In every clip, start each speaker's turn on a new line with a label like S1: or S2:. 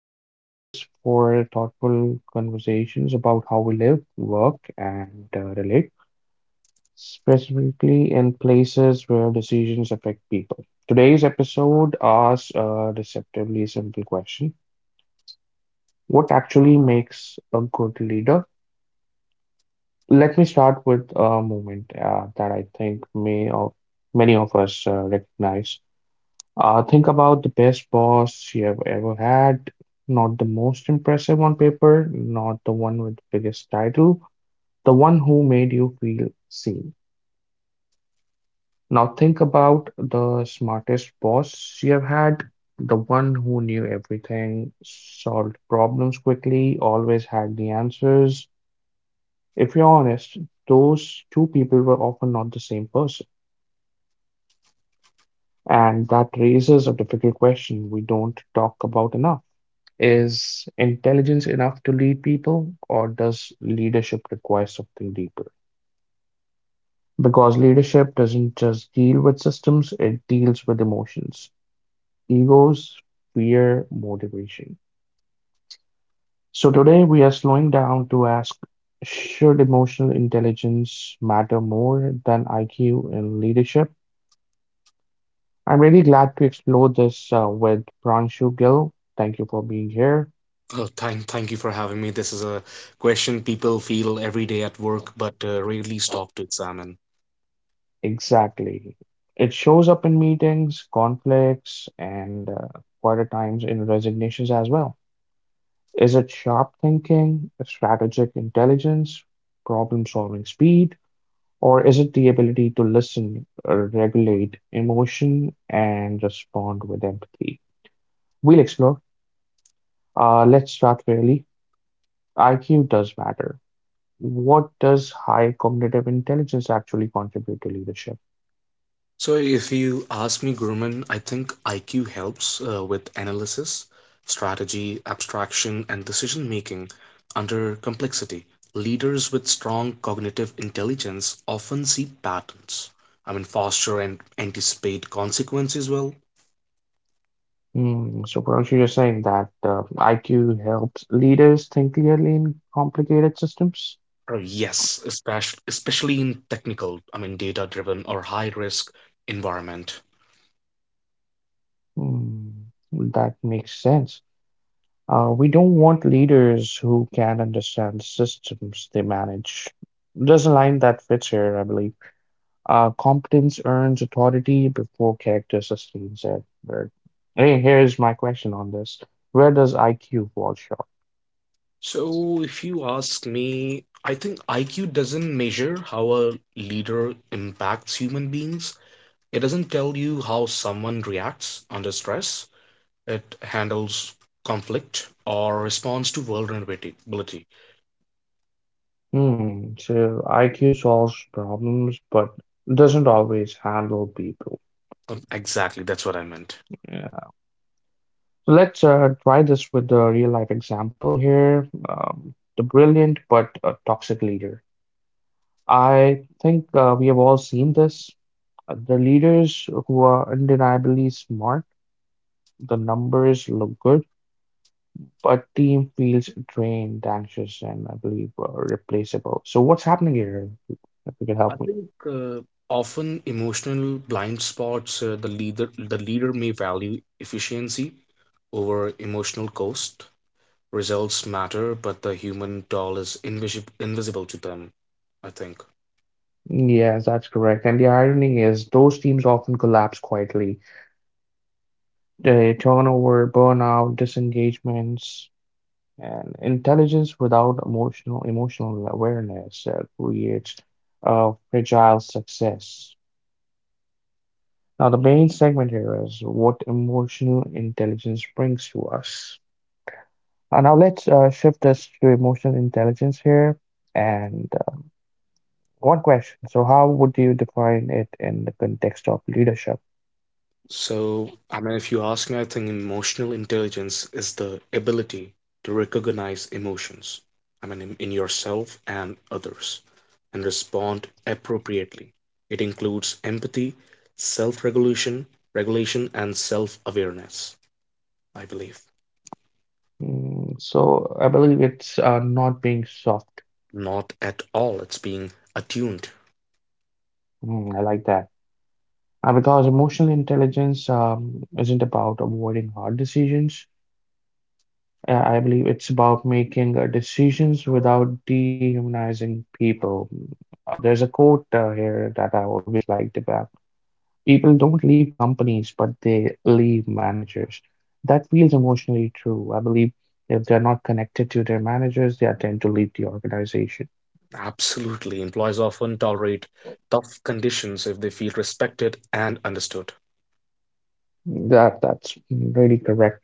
S1: this space is for thoughtful conversations about how we live, work, and relate, specifically in places where decisions affect people. Today's episode asks a deceptively simple question: What actually makes a good leader? Let me start with a moment that I think many of us recognize. Think about the best boss you have ever had. Not the most impressive on paper, not the one with the biggest title, the one who made you feel seen. Now think about the smartest boss you have had, the one who knew everything, solved problems quickly, always had the answers. If you're honest, those two people were often not the same person. And that raises a difficult question we don't talk about enough. Is intelligence enough to lead people, or does leadership require something deeper? Because leadership doesn't just deal with systems, it deals with emotions, egos, fear, motivation. So today we are slowing down to ask: should emotional intelligence matter more than IQ in leadership? I'm really glad to explore this with Pranshu Gill. Thank you for being here.
S2: Oh, thank you for having me. This is a question people feel every day at work, but rarely stop to examine.
S1: Exactly. It shows up in meetings, conflicts, and quite at times in resignations as well. Is it sharp thinking, strategic intelligence, problem solving speed, or is it the ability to listen, regulate emotion, and respond with empathy? We'll explore. Let's start fairly. IQ does matter. What does high cognitive intelligence actually contribute to leadership?
S2: So, if you ask me, Gurman, I think IQ helps with analysis, strategy, abstraction, and decision making under complexity. Leaders with strong cognitive intelligence often see patterns. I mean, foster and anticipate consequences well.
S1: So Parikshit, you're saying that IQ helps leaders think clearly in complicated systems?
S2: Oh, yes, especially in technical, I mean, data-driven or high-risk environment.
S1: Hmm, that makes sense. We don't want leaders who can't understand systems they manage. There's a line that fits here, I believe. Competence earns authority before character sustains it. But hey, here's my question on this. Where does IQ fall short?
S2: So, if you ask me, I think IQ doesn't measure how a leader impacts human beings. It doesn't tell you how someone reacts under stress. It handles conflict or responds to vulnerability.
S1: So IQ solves problems but doesn't always handle people.
S2: Exactly, that's what I meant.
S1: Yeah. So let's try this with a real life example here. The brilliant but toxic leader. I think we have all seen this. The leaders who are undeniably smart, the numbers look good, but team feels drained, anxious, and I believe replaceable. So what's happening here? If you can help
S2: I
S1: me.
S2: think often emotional blind spots, the leader may value efficiency over emotional cost. Results matter, but the human doll is invisible to them, I think.
S1: Yes, that's correct. And the irony is, those teams often collapse quietly. The turnover, burnout, disengagements, and intelligence without emotional awareness creates fragile success. Now, the main segment here is what emotional intelligence brings to us. Now, let's shift this to emotional intelligence here. And One question: so, how would you define it in the context of leadership?
S2: So, I mean, if you ask me, I think emotional intelligence is the ability to recognize emotions, I mean, in yourself and others, and respond appropriately. It includes empathy, self-regulation, and self-awareness, I believe.
S1: So I believe it's not being soft.
S2: Not at all, it's being attuned.
S1: I like that. Because emotional intelligence isn't about avoiding hard decisions. I believe it's about making decisions without dehumanizing people. There's a quote here that I always liked about: people don't leave companies, but they leave managers. That feels emotionally true. I believe if they're not connected to their managers, they tend to leave the organization.
S2: Absolutely. Employees often tolerate tough conditions if they feel respected and understood.
S1: That's really correct.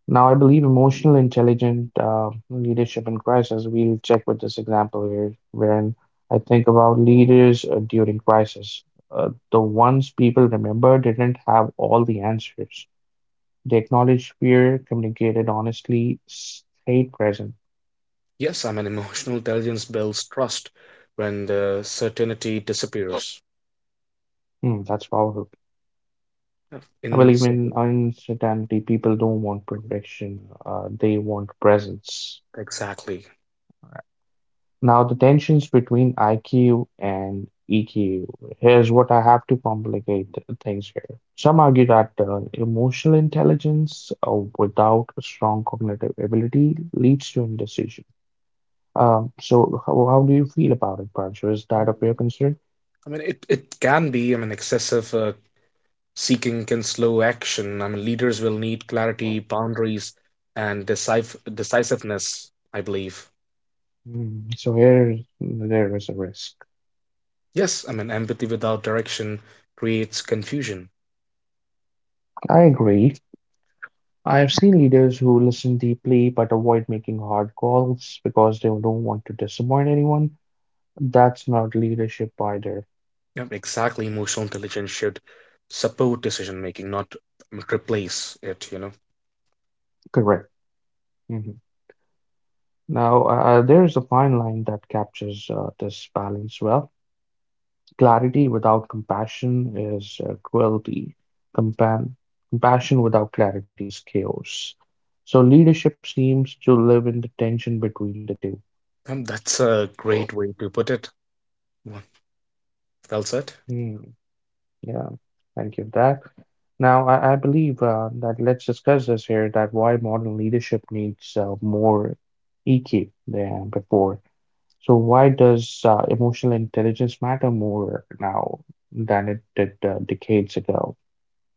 S1: Now, I believe emotional intelligent leadership in crisis. We'll check with this example here, wherein I think about leaders during crisis. The ones people remember didn't have all the answers. They acknowledged fear, communicated honestly, stayed present.
S2: Yes, I mean, emotional intelligence builds trust when the certainty disappears.
S1: That's powerful.
S2: Yeah.
S1: I believe in uncertainty. People don't want
S2: Mhm.
S1: perfection. They want presence.
S2: Exactly.
S1: Now, the tensions between IQ and EQ. Here's what I have to complicate things here. Some argue that emotional intelligence without a strong cognitive ability leads to indecision. So, how do you feel about it, Pancho? Is that of your concern?
S2: I mean, it can be, I mean, excessive seeking can slow action. I mean, leaders will need clarity, boundaries, and decif decisiveness, I believe.
S1: So, here there is a risk.
S2: Yes, I mean, empathy without direction creates confusion.
S1: I agree. I have seen leaders who listen deeply but avoid making hard calls because they don't want to disappoint anyone. That's not leadership either.
S2: Yep, exactly. Emotional intelligence should support decision making, not replace it.
S1: Correct. Mhm. Now, there's a fine line that captures this balance well. Clarity without compassion is cruelty. Compan compassion without clarity is chaos. So leadership seems to live in the tension between the two.
S2: And that's a great way to put it. Well well said.
S1: Hmm. Yeah, thank you for that. Now, I believe that let's discuss this here that why modern leadership needs more EQ than before. So why does emotional intelligence matter more now than it did decades ago?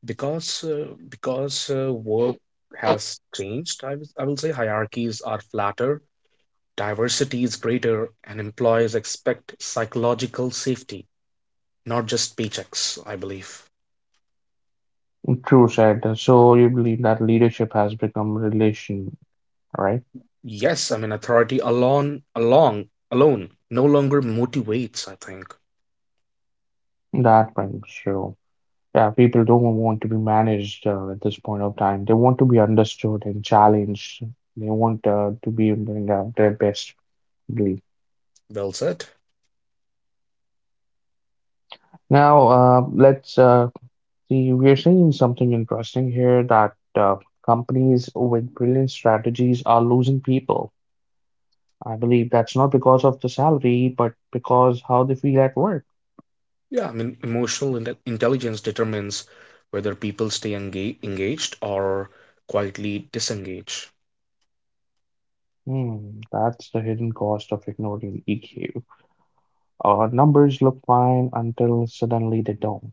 S2: Because work has changed. I will say hierarchies are flatter, diversity is greater, and employers expect psychological safety, not just paychecks, I believe.
S1: True said. So you believe that leadership has become relation, right?
S2: Yes, I mean, authority alone no longer motivates, I think.
S1: That brings you. Yeah, people don't want to be managed at this point of time. They want to be understood and challenged. They want to be doing their best. I believe.
S2: Well said.
S1: Now, let's See, we're seeing something interesting here that companies with brilliant strategies are losing people. I believe that's not because of the salary, but because how they feel at work.
S2: Yeah, I mean, emotional intelligence determines whether people stay engaged or quietly disengage.
S1: That's the hidden cost of ignoring EQ. Our numbers look fine until suddenly they don't.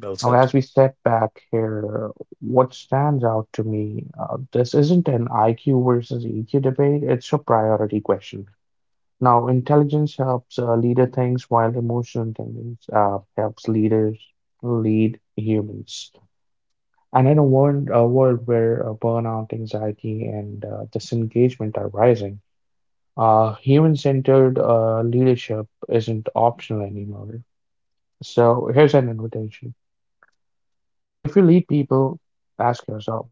S2: Well
S1: Now,
S2: said.
S1: as we step back here, what stands out to me, this isn't an IQ versus EQ debate, it's a priority question. Now, intelligence helps a leader think, while emotional intelligence helps leaders lead humans. And in a world where burnout, anxiety, and disengagement are rising, human-centered leadership isn't optional anymore. So here's an invitation: if you lead people, ask yourself,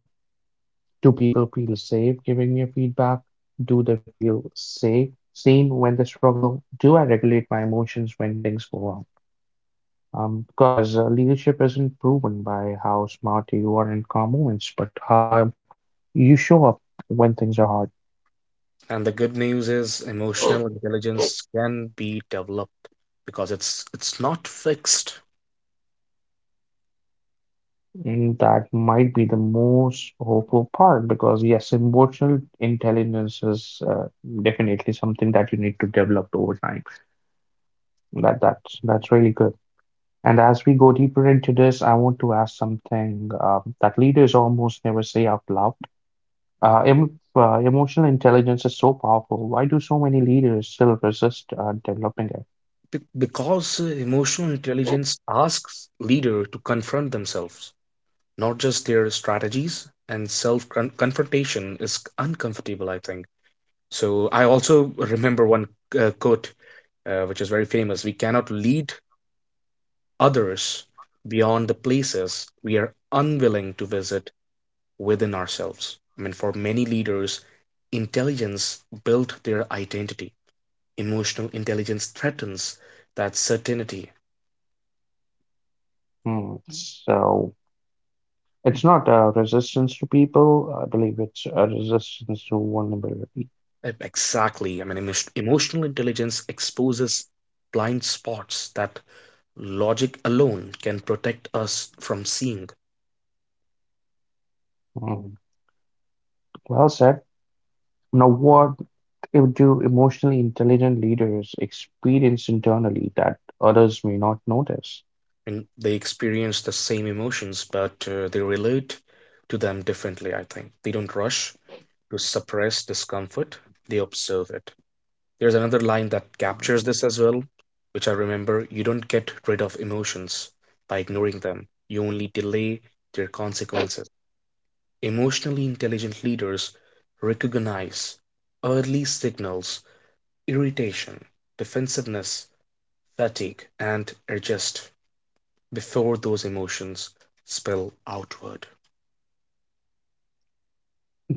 S1: do people feel safe giving me feedback? Do they feel safe, seen when they struggle? Do I regulate my emotions when things go wrong? Because leadership isn't proven by how smart you are in calm moments, but how you show up when things are hard.
S2: And the good news is emotional intelligence can be developed because it's not fixed.
S1: And that might be the most hopeful part because, yes, emotional intelligence is definitely something that you need to develop over time. That's really good. And as we go deeper into this, I want to ask something that leaders almost never say out loud. Uh, em emotional intelligence is so powerful. Why do so many leaders still resist developing it?
S2: Because emotional intelligence asks leader to confront themselves, not just their strategies, and self confrontation is uncomfortable, I think. So I also remember one quote, which is very famous. We cannot lead others beyond the places we are unwilling to visit within ourselves. I mean, for many leaders, intelligence built their identity. Emotional intelligence threatens that certainty.
S1: Hmm. So it's not a resistance to people. I believe it's a resistance to vulnerability.
S2: Exactly. I mean, emotional intelligence exposes blind spots that logic alone can protect us from seeing.
S1: Hmm. Well said. Now, what if do emotionally intelligent leaders experience internally that others may not notice?
S2: And they experience the same emotions, but they relate to them differently, I think. They don't rush to suppress discomfort, they observe it. There's another line that captures this as well, which I remember: you don't get rid of emotions by ignoring them, you only delay their consequences. Emotionally intelligent leaders recognize early signals, irritation, defensiveness, fatigue, and adjust before those emotions spill outward.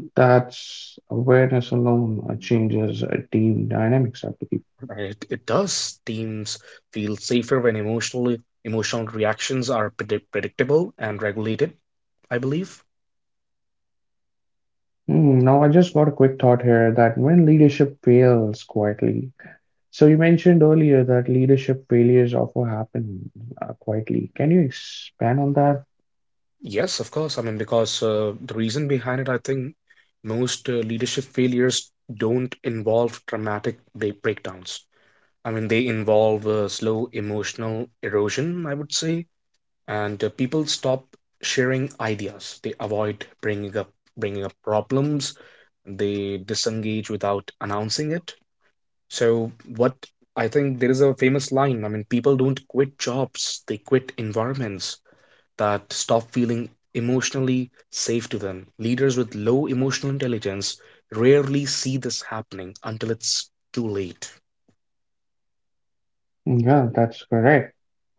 S1: That's awareness alone changes team dynamics, I believe.
S2: And it does. Teams feel safer when emotional reactions are predictable and regulated, I believe.
S1: Now, I just got a quick thought here that when leadership fails quietly, so you mentioned earlier that leadership failures often happen quietly. Can you expand on that?
S2: Yes, of course. I mean, because, the reason behind it, I think, most leadership failures don't involve dramatic breakdowns. I mean, they involve slow emotional erosion, I would say, and people stop sharing ideas, they avoid bringing up problems, they disengage without announcing it. So, what I think there is a famous line, I mean, people don't quit jobs, they quit environments that stop feeling emotionally safe to them. Leaders with low emotional intelligence rarely see this happening until it's too late.
S1: Yeah, that's correct.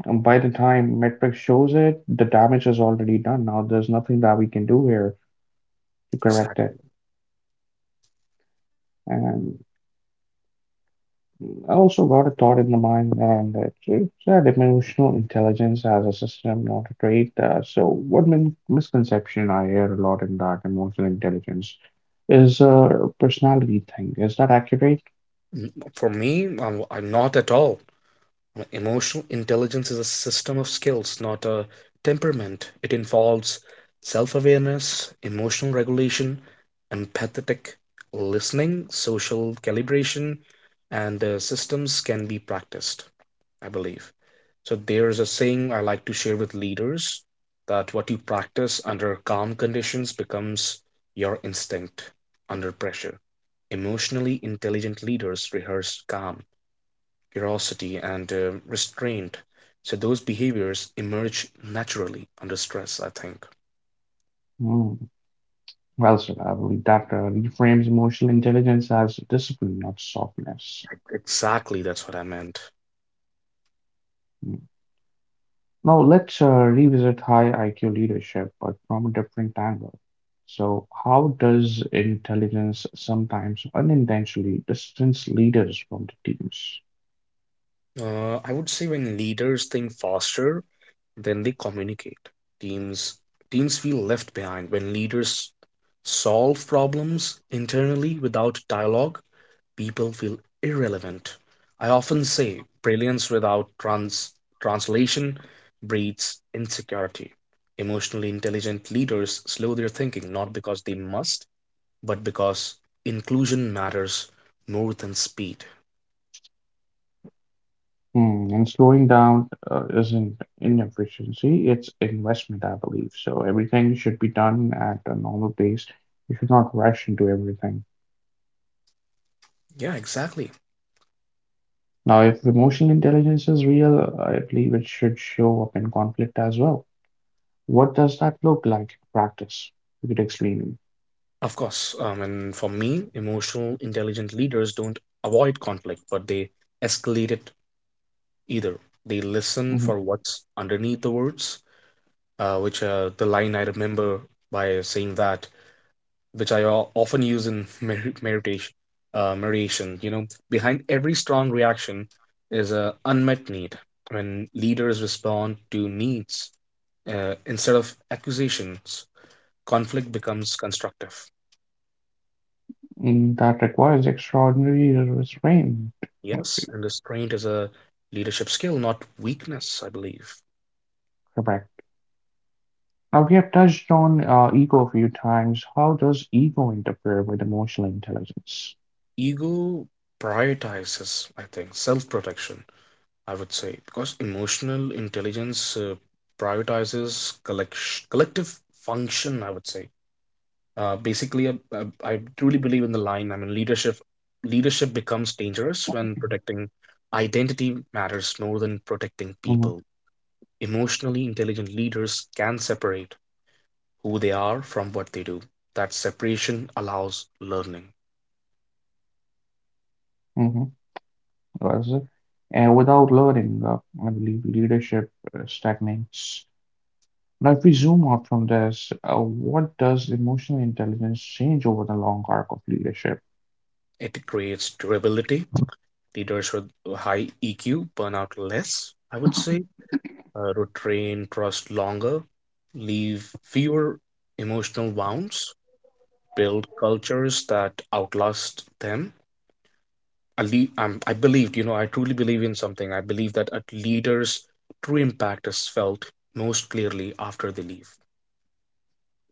S1: And by the time metric shows it, the damage is already done. Now, there's nothing that we can do here to correct
S2: Exactly.
S1: it. I also got a thought in the mind, and it's that emotional intelligence as a system, not a trait. So, what misconception I hear a lot in that emotional intelligence is a personality thing. Is that accurate?
S2: For me, I'm not at all. Emotional intelligence is a system of skills, not a temperament. It involves self awareness, emotional regulation, empathetic listening, social calibration, and systems can be practiced, I believe. So there's a saying I like to share with leaders that what you practice under calm conditions becomes your instinct under pressure. Emotionally intelligent leaders rehearse calm, curiosity, and restraint. So those behaviors emerge naturally under stress, I think.
S1: Hmm. Well, sir, I believe that reframes emotional intelligence as discipline, not softness.
S2: Exactly, that's what I meant.
S1: Hmm. Now let's revisit high IQ leadership, but from a different angle. So, how does intelligence sometimes unintentionally distance leaders from the teams?
S2: I would say, when leaders think faster then they communicate. Teams teams feel left behind. When leaders solve problems internally without dialogue, people feel irrelevant. I often say, brilliance without translation breeds insecurity. Emotionally intelligent leaders slow their thinking, not because they must, but because inclusion matters more than speed.
S1: And slowing down isn't inefficiency, it's investment, I believe. So, everything should be done at a normal pace. You should not rush into everything.
S2: Yeah, exactly.
S1: Now, if emotional intelligence is real, I believe it should show up in conflict as well. What does that look like in practice? You could explain.
S2: Of course, and for me, emotional, intelligent leaders don't avoid conflict, but they escalate it either. They listen for what's underneath the words, which, the line I remember by saying that, which I often use in meditation. Meditation, behind every strong reaction is a unmet need. When leaders respond to needs, instead of accusations, conflict becomes constructive.
S1: That requires extraordinary restraint. Mm,
S2: Yes, and restraint is a leadership skill, not weakness, I believe.
S1: Correct. Now, we have touched on ego a few times. How does ego interfere with emotional intelligence?
S2: Ego prioritizes, I think, self protection, I would say, because emotional intelligence, prioritizes collective function, I would say. Basically, I truly believe in the line. I mean, leadership becomes dangerous when protecting identity matters more than protecting
S1: Mm-hmm.
S2: people. Emotionally intelligent leaders can separate who they are from what they do. That separation allows learning.
S1: Mm-hmm. Well, and without learning, I believe leadership stagnates. Now, if we zoom out from this, what does emotional intelligence change over the long arc of leadership?
S2: It creates durability. Leaders with high EQ burn out less, I would say, retrain trust longer, leave fewer emotional wounds, build cultures that outlast them. I, le- I'm, I believed, you know, I truly believe in something. I believe that a leader's true impact is felt most clearly after they leave,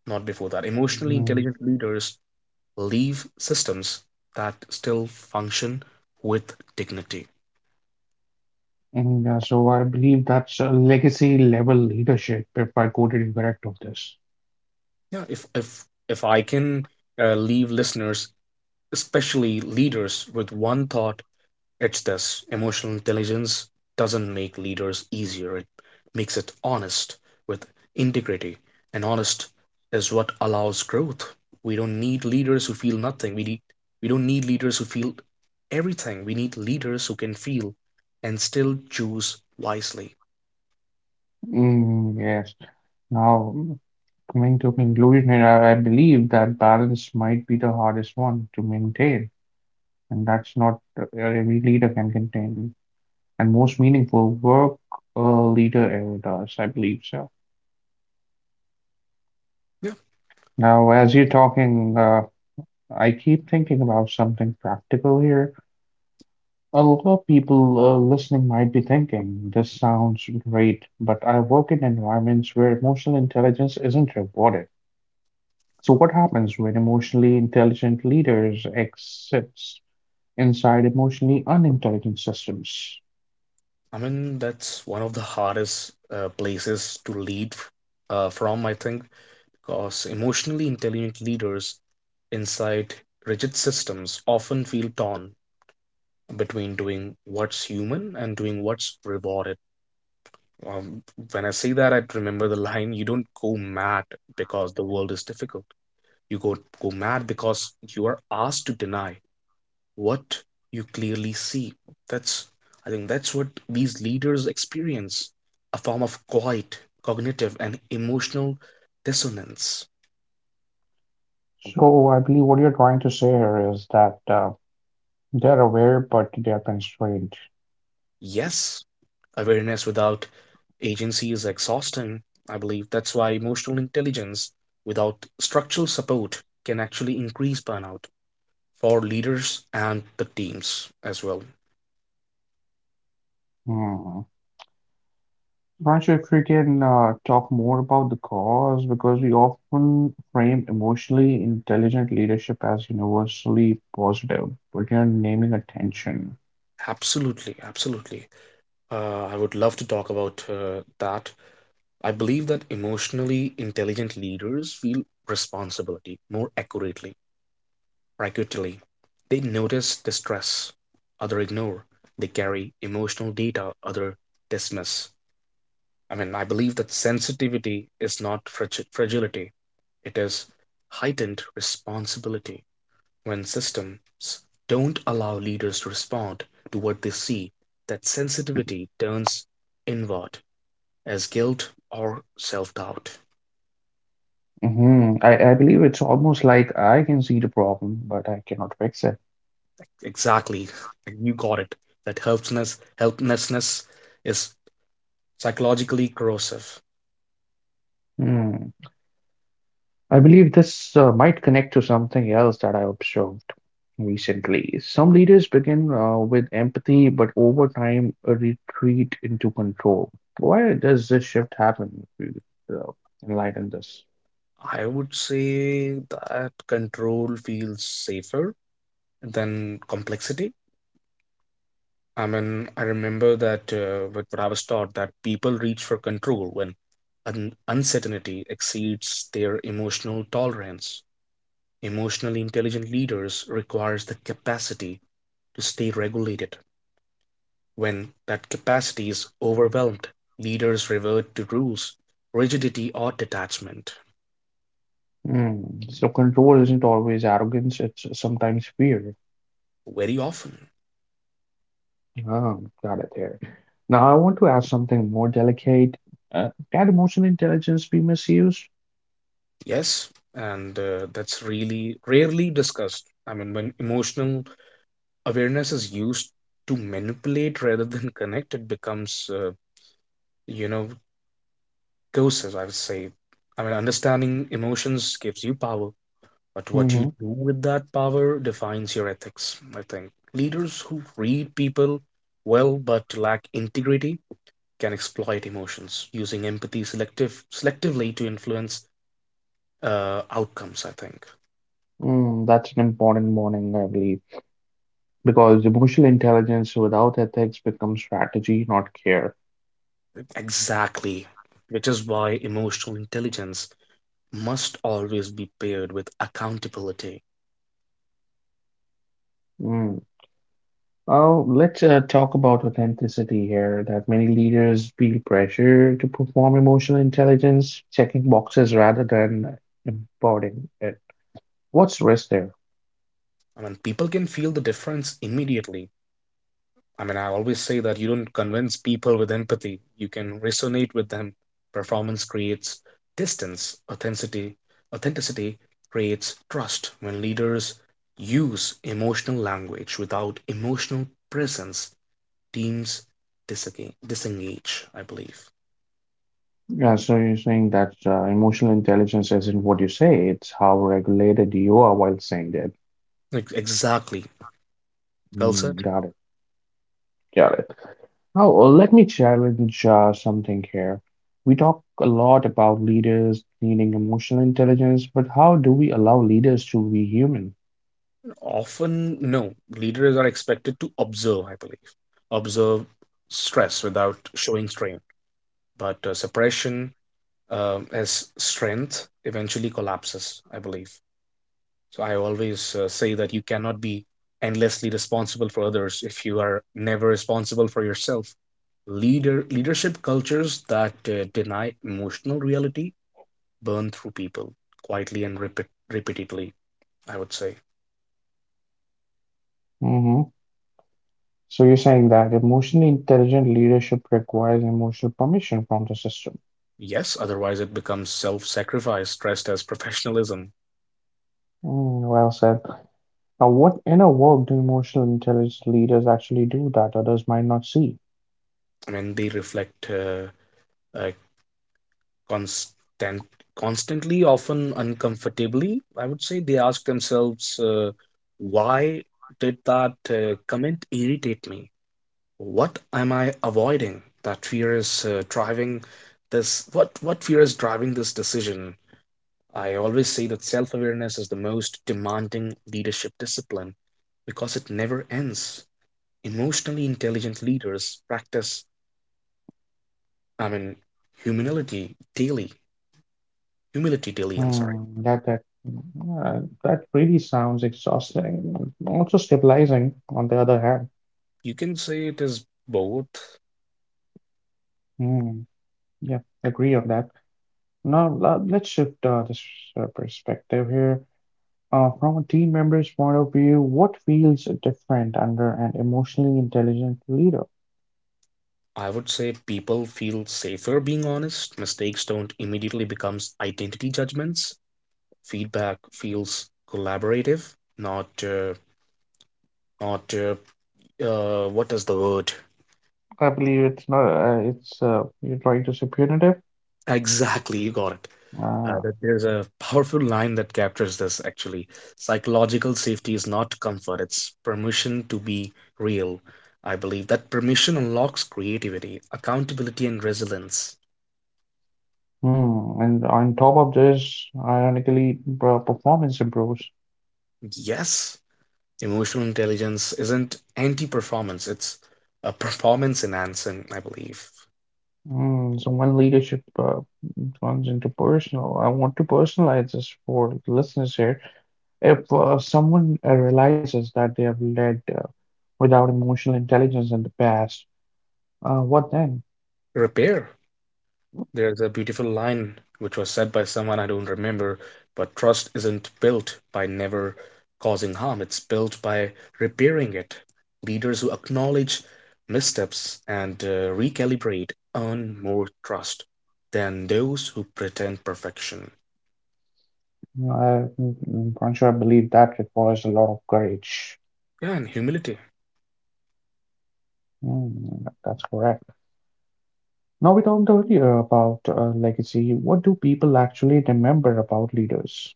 S2: not before that. Emotionally
S1: Mm,
S2: intelligent leaders leave systems that still function with dignity.
S1: Yeah, so I believe that's a legacy level leadership, if I quoted you correct of this.
S2: Yeah, if I can, leave listeners, especially leaders, with one thought, it's this: emotional intelligence doesn't make leaders easier. It makes it honest with integrity, and honest is what allows growth. We don't need leaders who feel nothing. We don't need leaders who feel everything. We need leaders who can feel and still choose wisely.
S1: Mm, yes. Now, coming to conclusion, here, I believe that balance might be the hardest one to maintain, and that's not every leader can contain, and most meaningful work a leader ever does, I believe so.
S2: Yeah,
S1: Now, as you're talking, I keep thinking about something practical here. A lot of people listening might be thinking, this sounds great, but I work in environments where emotional intelligence isn't rewarded. So, what happens when emotionally intelligent leaders exist inside emotionally unintelligent systems?
S2: I mean, that's one of the hardest places to lead from, I think, because emotionally intelligent leaders inside rigid systems often feel torn between doing what's human and doing what's rewarded. Um, when I say that, I remember the line: you don't go mad because the world is difficult. You go mad because you are asked to deny what you clearly see. That's, I think, that's what these leaders experience, a form of quiet, cognitive, and emotional dissonance.
S1: So, I believe what you're trying to say here is that they're aware, but they're constrained.
S2: Yes, awareness without agency is exhausting. I believe that's why emotional intelligence without structural support can actually increase burnout for leaders and the teams as well.
S1: Hmm. Not sure if we can talk more about the cause because we often frame emotionally intelligent leadership as universally positive, but you're naming attention.
S2: Absolutely, absolutely. I would love to talk about that. I believe that emotionally intelligent leaders feel responsibility more accurately. Or, they notice distress, other ignore. They carry emotional data, other dismiss. I mean, I believe that sensitivity is not fragility, it is heightened responsibility. When systems don't allow leaders to respond to what they see, that sensitivity turns inward as guilt or self doubt.
S1: I believe it's almost like I can see the problem, but I cannot fix it.
S2: Exactly. You got it. That helplessness is psychologically corrosive.
S1: Hmm. I believe this might connect to something else that I observed recently. Some leaders begin with empathy, but over time retreat into control. Why does this shift happen? If you, enlighten this.
S2: I would say that control feels safer than complexity. I mean, I remember that, what I was taught, that people reach for control when un uncertainty exceeds their emotional tolerance. Emotionally intelligent leaders requires the capacity to stay regulated. When that capacity is overwhelmed, leaders revert to rules, rigidity, or detachment
S1: Hmm. So control isn't always arrogance, it's sometimes fear.
S2: very often.
S1: Oh, got it there. Now, I want to ask something more delicate. Can emotional intelligence be misused?
S2: Yes, and that's really rarely discussed. I mean, when emotional awareness is used to manipulate rather than connect, it becomes, you know, coercive, I would say. I mean, understanding emotions gives you power, but what you
S1: hmm
S2: do with that power defines your ethics, I think. Leaders who read people well but lack integrity can exploit emotions, using empathy selectively to influence, outcomes, I think.
S1: that's an important warning, I believe, because emotional intelligence without ethics becomes strategy, not care.
S2: Exactly, which is why emotional intelligence must always be paired with accountability.
S1: Mm. Oh, let's talk about authenticity here, that many leaders feel pressure to perform emotional intelligence, checking boxes rather than embodying it. What's risk there?
S2: I mean, people can feel the difference immediately. I mean, I always say that you don't convince people with empathy. You can resonate with them. Performance creates distance. Authenticity creates trust. When leaders use emotional language without emotional presence, teams disengage, I believe.
S1: Yeah, so you're saying that emotional intelligence isn't what you say, it's how regulated you are while saying it.
S2: Exactly. Well
S1: Mm,
S2: said.
S1: got it, got it. Now, let me challenge something here. We talk a lot about leaders needing emotional intelligence, but how do we allow leaders to be human?
S2: Often, no. Leaders are expected to observe. I believe, observe stress without showing strain, but suppression, as strength, eventually collapses, I believe. So I always, say that you cannot be endlessly responsible for others if you are never responsible for yourself. Leadership cultures that deny emotional reality burn through people quietly and repeatedly. I would say.
S1: hmm So you're saying that emotionally intelligent leadership requires emotional permission from the system.
S2: Yes. Otherwise, it becomes self-sacrifice dressed as professionalism.
S1: Well said. Now, what inner work do emotional intelligence leaders actually do that others might not see?
S2: I mean, they reflect, uh, constant constantly, often uncomfortably, I would say. They ask themselves, why did that, comment irritate me? What am I avoiding? That fear is, driving this. What fear is driving this decision? I always say that self-awareness is the most demanding leadership discipline because it never ends. Emotionally intelligent leaders practice, I mean, humility daily humility daily. I'm sorry.
S1: That really sounds exhausting. Also stabilizing, on the other hand.
S2: You can say it is both.
S1: Hmm, yeah, agree on that. Now let's shift this perspective here. From a team member's point of view, what feels different under an emotionally intelligent leader?
S2: I would say, people feel safer being honest. Mistakes don't immediately become identity judgments. Feedback feels collaborative, not not what is the word?
S1: I believe it's not. It's you're trying to say punitive.
S2: Exactly, you got it.
S1: Uh,
S2: That There's a powerful line that captures this actually. Psychological safety is not comfort, it's permission to be real. I believe that permission unlocks creativity, accountability, and resilience.
S1: and on top of this, ironically, performance improves.
S2: Yes. Emotional intelligence isn't anti-performance, it's a performance enhancing, I believe.
S1: So when leadership turns into personal, I want to personalize this for the listeners here. If someone realizes that they have led without emotional intelligence in the past, what then?
S2: Repair. There's a beautiful line which was said by someone I don't remember, but trust isn't built by never causing harm, it's built by repairing it. Leaders who acknowledge missteps and, recalibrate earn more trust than those who pretend perfection.
S1: Uh, Pancho, I believe that requires a lot of courage.
S2: Yeah, and humility.
S1: That's correct. Now, we talked earlier about legacy. What do people actually remember about leaders?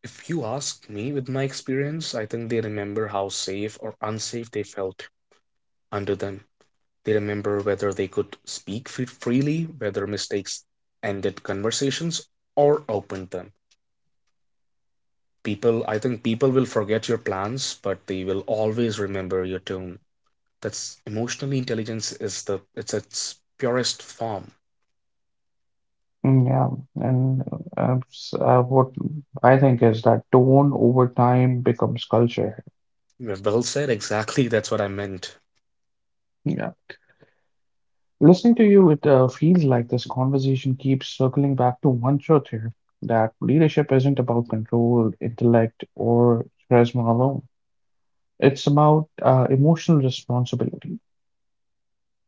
S2: If you ask me, with my experience, I think they remember how safe or unsafe they felt under them. They remember whether they could speak freely, whether mistakes ended conversations or opened them. I think people will forget your plans, but they will always remember your tone. That's emotional intelligence, is the it's its purest form.
S1: Yeah, and what I think is that tone over time becomes culture.
S2: Yeah, well said, exactly. That's what I meant.
S1: Yeah. Listening to you, it feels like this conversation keeps circling back to one truth here, that leadership isn't about control, intellect, or charisma alone. It's about emotional responsibility.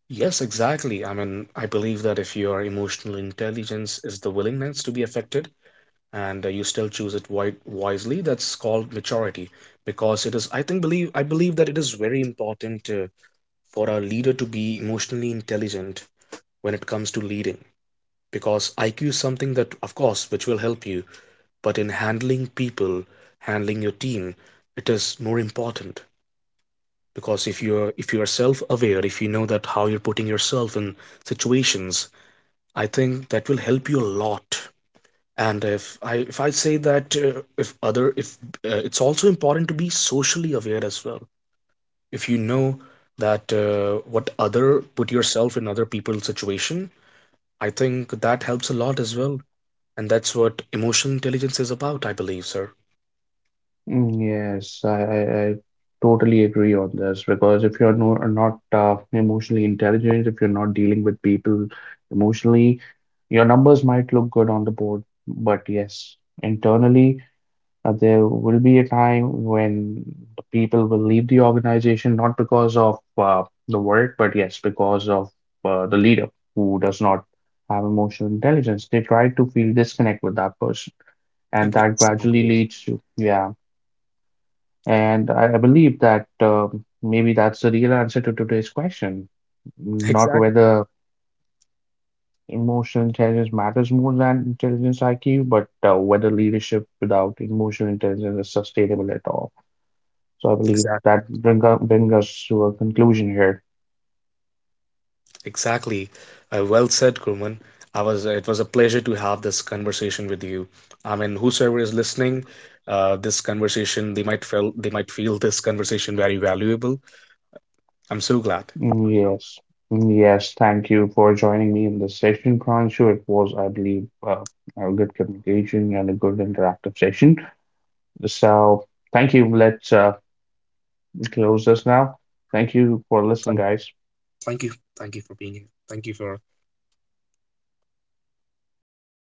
S2: Yes, exactly. I mean, I believe that if your emotional intelligence is the willingness to be affected, and you still choose it wisely, that's called maturity. Because, it is I think believe I believe that it is very important, for our leader to be emotionally intelligent when it comes to leading, because IQ is something that, of course, which will help you. But in handling people, handling your team, it is more important. Because, if you are self aware, if you know that how you're putting yourself in situations, I think that will help you a lot. And, if I say that, if other, if, it's also important to be socially aware as well. If you know that, what other, put yourself in other people's situation, I think that helps a lot as well. And that's what emotional intelligence is about, I believe, sir.
S1: Yes, I totally agree on this because if you're no, not emotionally intelligent, if you're not dealing with people emotionally, your numbers might look good on the board, but yes, internally, there will be a time when the people will leave the organization not because of the work, but yes, because of the leader who does not have emotional intelligence. They try to feel disconnect with that person,
S2: E-
S1: and that gradually
S2: exactly
S1: leads to, yeah. And I believe that maybe that's the real answer to today's question. Not
S2: exactly
S1: whether emotional intelligence matters more than intelligence IQ, but whether leadership without emotional intelligence is sustainable at all. So I believe
S2: exactly
S1: that bring us to a conclusion here.
S2: Exactly. Well said, Kurman. I was. It was a pleasure to have this conversation with you. I mean, whosoever is listening, this conversation, they might feel this conversation very valuable. I'm so glad.
S1: Mm, yes. Yes, thank you for joining me in this session, Pranshu. It was, I believe, a good communication and a good interactive session. So, thank you. Let's close us now. Thank you for listening,
S2: Thank
S1: guys.
S2: thank you. Thank you for being here. Thank you for having